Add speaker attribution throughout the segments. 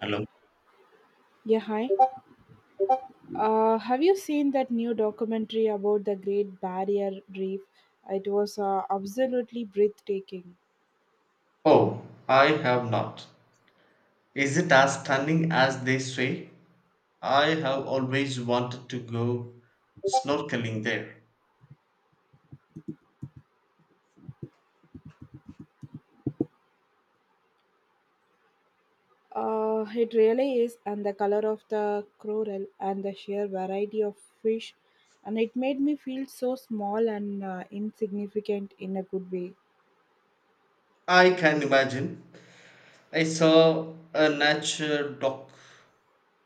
Speaker 1: Hello.
Speaker 2: Yeah, hi. Have you seen that new documentary about the Great Barrier Reef? It was absolutely breathtaking.
Speaker 1: Oh, I have not. Is it as stunning as they say? I have always wanted to go snorkeling there.
Speaker 2: It really is, and the color of the coral and the sheer variety of fish, and it made me feel so small and insignificant in a good way.
Speaker 1: I can imagine. I saw a nature doc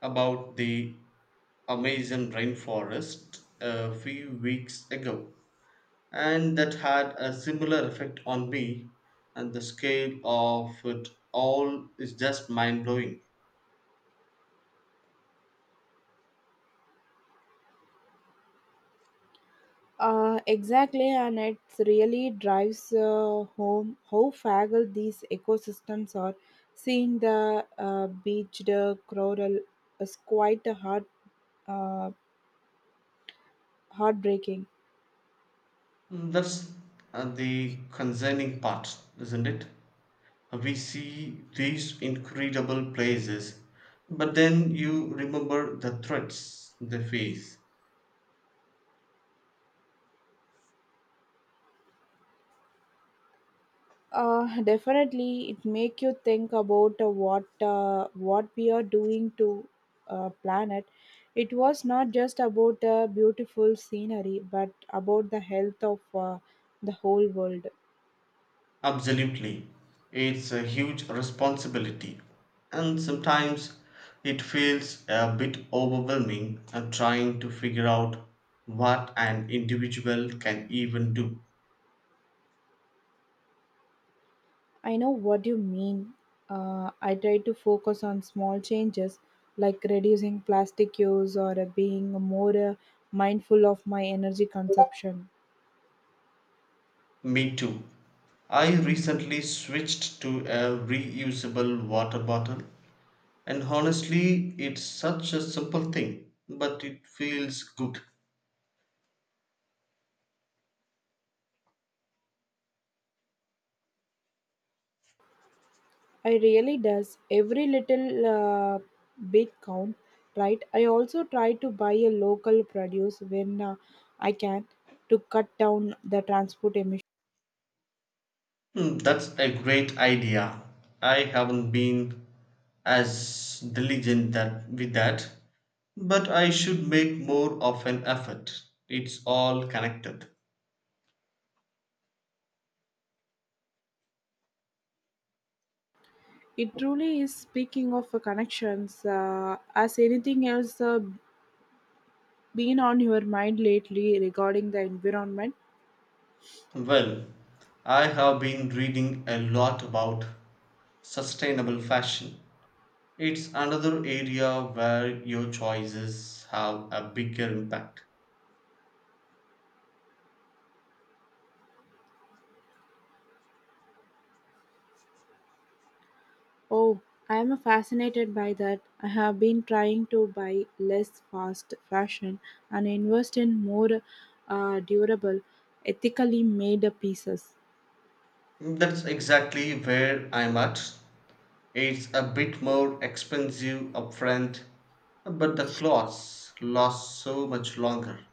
Speaker 1: about the Amazon rainforest a few weeks ago, and that had a similar effect on me, and the scale of it all is just mind blowing.
Speaker 2: Exactly, and it really drives home how fragile these ecosystems are. Seeing the beached coral is quite a uh, heartbreaking.
Speaker 1: Mm, that's the concerning part, isn't it? We see these incredible places, but then you remember the threats they face.
Speaker 2: Definitely, it make you think about what we are doing to planet. It was not just about the beautiful scenery, but about the health of the whole world.
Speaker 1: Absolutely. It's a huge responsibility, and sometimes it feels a bit overwhelming trying to figure out what an individual can even do.
Speaker 2: I know what you mean. I try to focus on small changes like reducing plastic use or being more mindful of my energy consumption.
Speaker 1: Me too. I recently switched to a reusable water bottle. And honestly, it's such a simple thing, but it feels good.
Speaker 2: I really does every little bit count, right? I also try to buy a local produce when I can to cut down the transport emission.
Speaker 1: Hmm, that's a great idea. I haven't been as diligent that with that, but I should make more of an effort. It's all connected.
Speaker 2: It truly is speaking of connections. As anything else been on your mind lately regarding the environment?
Speaker 1: Well, I have been reading a lot about sustainable fashion. It's another area where your choices have a bigger impact.
Speaker 2: Oh, I am fascinated by that. I have been trying to buy less fast fashion and invest in more durable, ethically made pieces.
Speaker 1: That's exactly where I'm at. It's a bit more expensive upfront, but the clothes last so much longer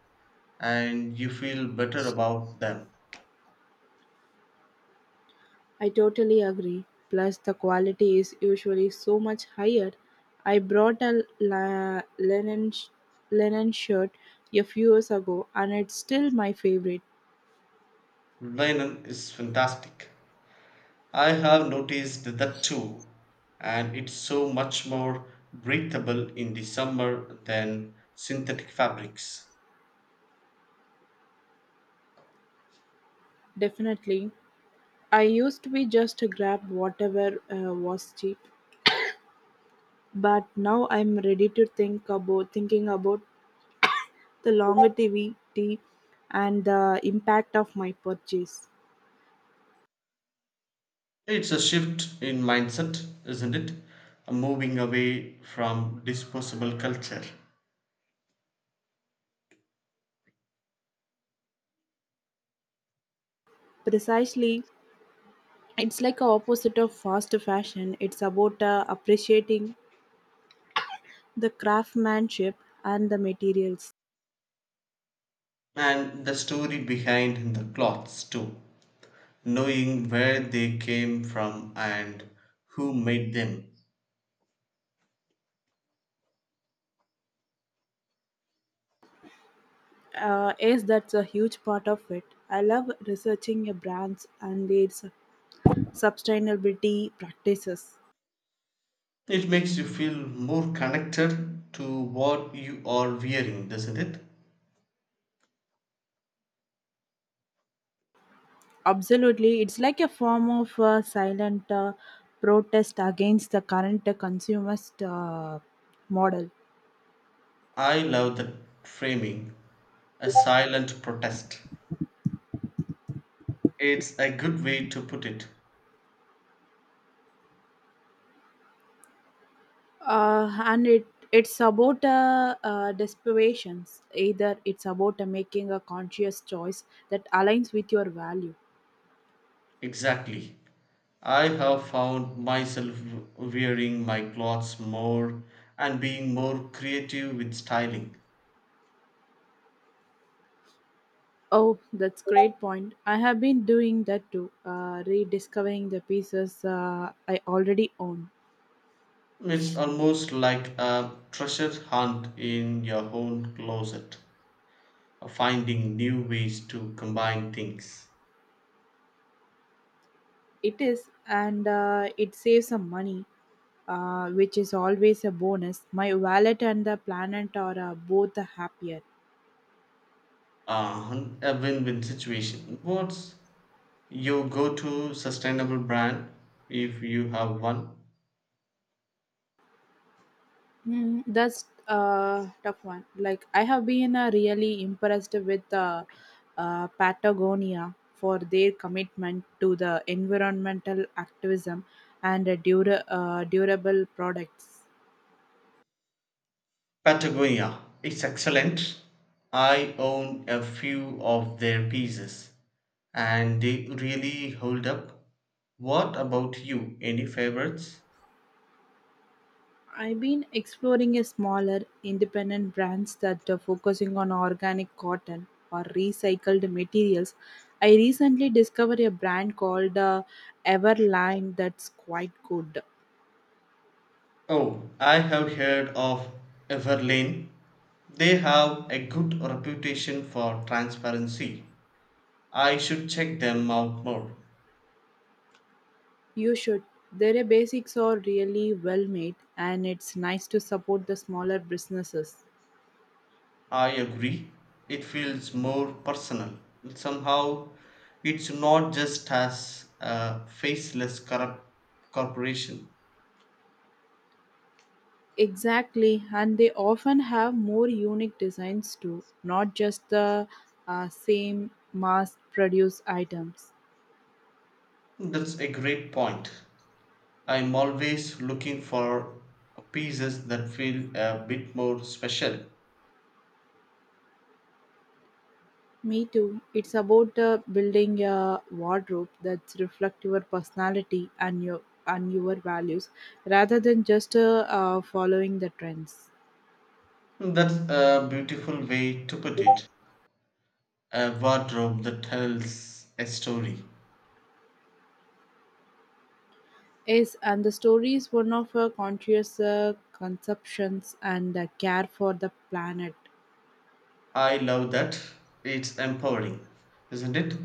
Speaker 1: and you feel better about them.
Speaker 2: I totally agree. Plus, the quality is usually so much higher. I brought a linen shirt a few years ago and it's still my favorite.
Speaker 1: Linen is fantastic. I have noticed that too, and it's so much more breathable in the summer than synthetic fabrics.
Speaker 2: Definitely. I used to be just grab whatever was cheap, but now I'm ready to thinking about the longevity and the impact of my purchase.
Speaker 1: It's a shift in mindset, isn't it? Moving away from disposable culture.
Speaker 2: Precisely, it's like a opposite of fast fashion. It's about appreciating the craftsmanship and the materials.
Speaker 1: And the story behind the clothes too, knowing where they came from and who made them.
Speaker 2: Yes, that's a huge part of it. I love researching your brands and their sustainability practices.
Speaker 1: It makes you feel more connected to what you are wearing, doesn't it?
Speaker 2: Absolutely, it's like a form of silent protest against the current consumerist model.
Speaker 1: I love that framing. A silent protest, it's a good way to put it.
Speaker 2: And it's about desperations. Either it's about making a conscious choice that aligns with your value.
Speaker 1: Exactly. I have found myself wearing my clothes more and being more creative with styling.
Speaker 2: Oh, that's great point. I have been doing that too, rediscovering the pieces I already own.
Speaker 1: It's almost like a treasure hunt in your own closet, finding new ways to combine things.
Speaker 2: It is, and it saves some money, which is always a bonus. My wallet and the planet are both happier.
Speaker 1: A win win situation. What's your go to sustainable brand if you have one?
Speaker 2: Mm, that's a tough one. Like I have been really impressed with Patagonia for their commitment to the environmental activism and durable products.
Speaker 1: Patagonia. It's excellent. I own a few of their pieces and they really hold up. What about you? Any favorites?
Speaker 2: I've been exploring a smaller independent brands that are focusing on organic cotton or recycled materials. I recently discovered a brand called Everline, that's quite good.
Speaker 1: Oh, I have heard of Everlane. They have a good reputation for transparency. I should check them out more.
Speaker 2: You should. Their basics are really well made and it's nice to support the smaller businesses.
Speaker 1: I agree. It feels more personal. Somehow, it's not just as a faceless corrupt corporation.
Speaker 2: Exactly, and they often have more unique designs too, not just the same mass produced items.
Speaker 1: That's a great point. I'm always looking for pieces that feel a bit more special.
Speaker 2: Me too. It's about building a wardrobe that reflects your personality and your values, rather than just following the trends.
Speaker 1: That's a beautiful way to put it. A wardrobe that tells a story.
Speaker 2: Yes, and the story is one of conscious conceptions and care for the planet.
Speaker 1: I love that. It's empowering, isn't it?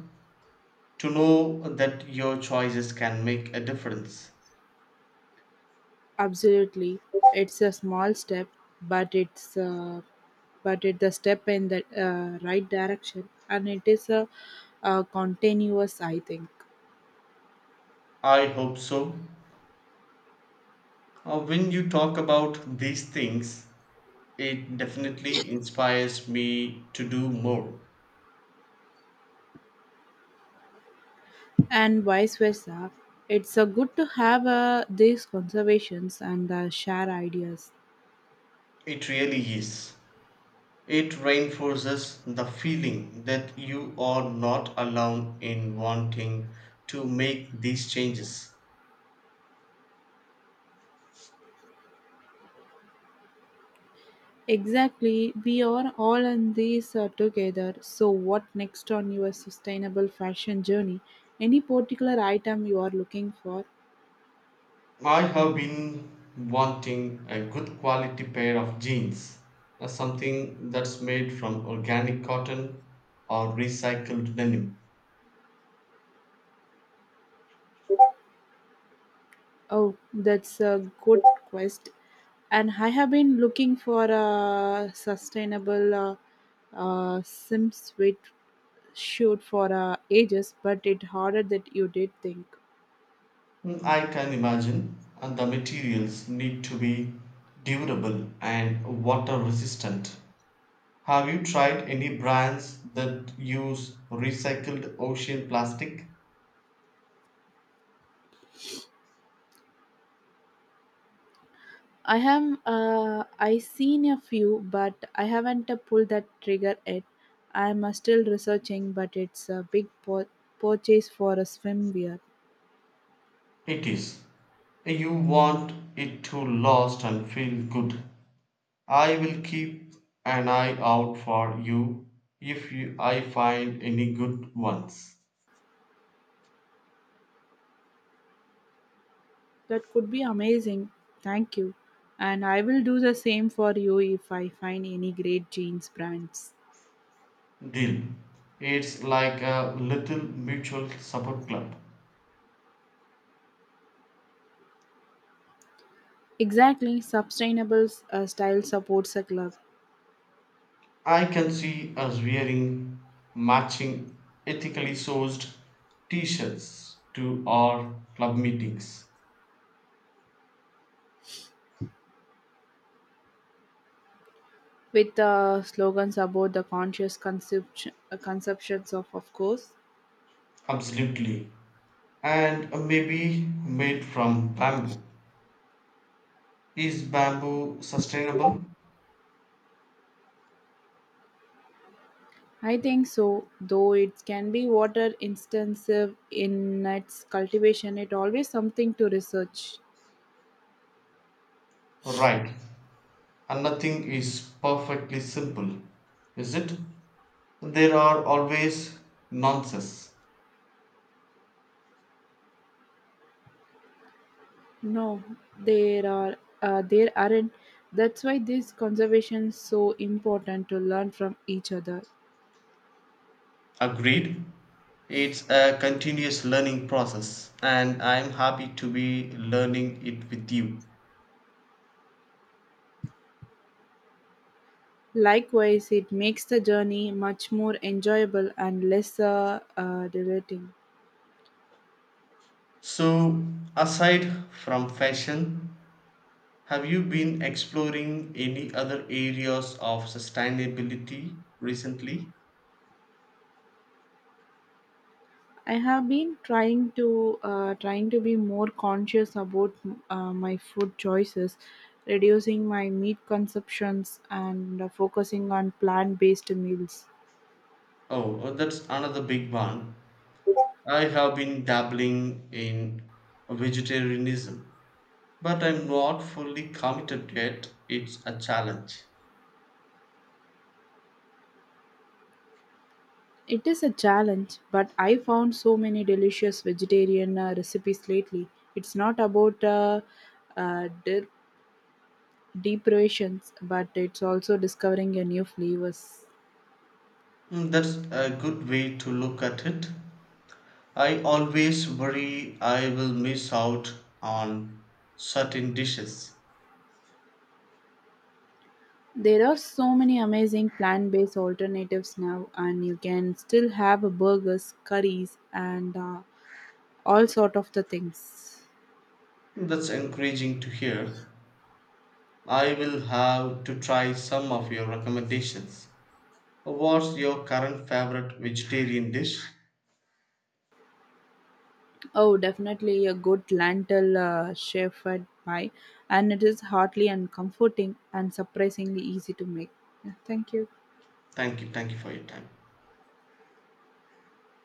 Speaker 1: To know that your choices can make a difference.
Speaker 2: Absolutely, it's a small step, but it's uh, but it's a step in the right direction, and it is a continuous. I think.
Speaker 1: I hope so. When you talk about these things, it definitely inspires me to do more.
Speaker 2: And vice versa. It's a good to have these conversations and share ideas.
Speaker 1: It really is. It reinforces the feeling that you are not alone in wanting to make these changes.
Speaker 2: Exactly, we are all in this together. So, what next on your sustainable fashion journey? Any particular item you are looking for?
Speaker 1: I have been wanting a good quality pair of jeans, something that's made from organic cotton or recycled denim.
Speaker 2: Oh, that's a good quest. And I have been looking for a sustainable sim suite shoot for ages, but it harder that you did think.
Speaker 1: Mm, I can imagine, and the materials need to be durable and water resistant. Have you tried any brands that use recycled ocean plastic?
Speaker 2: I have I seen a few, but I haven't pulled that trigger yet. I'm still researching, but it's a big po purchase for a swimwear.
Speaker 1: It is. You want it to last and feel good. I will keep an eye out for you if you, I find any good ones.
Speaker 2: That could be amazing. Thank you, and I will do the same for you if I find any great jeans brands.
Speaker 1: Deal. It's like a little mutual support club.
Speaker 2: Exactly, sustainable style supports a club
Speaker 1: I can see us wearing matching ethically sourced t shirts to our club meetings.
Speaker 2: with slogans about the conscious consumption, conceptions of course.
Speaker 1: Absolutely. And maybe made from bamboo. Is bamboo sustainable?
Speaker 2: I think so, though it can be water intensive in its cultivation. It always something to research.
Speaker 1: Right. And nothing is perfectly simple, is it? There are always nonsense.
Speaker 2: No, there are there aren't. That's why this conservation is so important to learn from each other.
Speaker 1: Agreed. It's a continuous learning process, and I'm happy to be learning it with you.
Speaker 2: Likewise, it makes the journey much more enjoyable and less deleting.
Speaker 1: So, aside from fashion, have you been exploring any other areas of sustainability recently?
Speaker 2: I have been trying to be more conscious about my food choices, reducing my meat consumptions and focusing on plant-based meals.
Speaker 1: Oh, oh, that's another big one. I have been dabbling in vegetarianism, but I'm not fully committed yet. It's a challenge.
Speaker 2: It is a challenge, but I found so many delicious vegetarian recipes lately. It's not about uh, de- deprivations, but it's also discovering a new flavors.
Speaker 1: Mm, that's a good way to look at it. I always worry I will miss out on certain dishes.
Speaker 2: There are so many amazing plant based alternatives now, and you can still have burgers, curries, and all sort of the things.
Speaker 1: That's encouraging to hear. I will have to try some of your recommendations. What's your current favorite vegetarian dish?
Speaker 2: Oh, definitely a good lentil shepherd pie, and it is hearty and comforting and surprisingly easy to make. Yeah, thank you.
Speaker 1: Thank you for your time.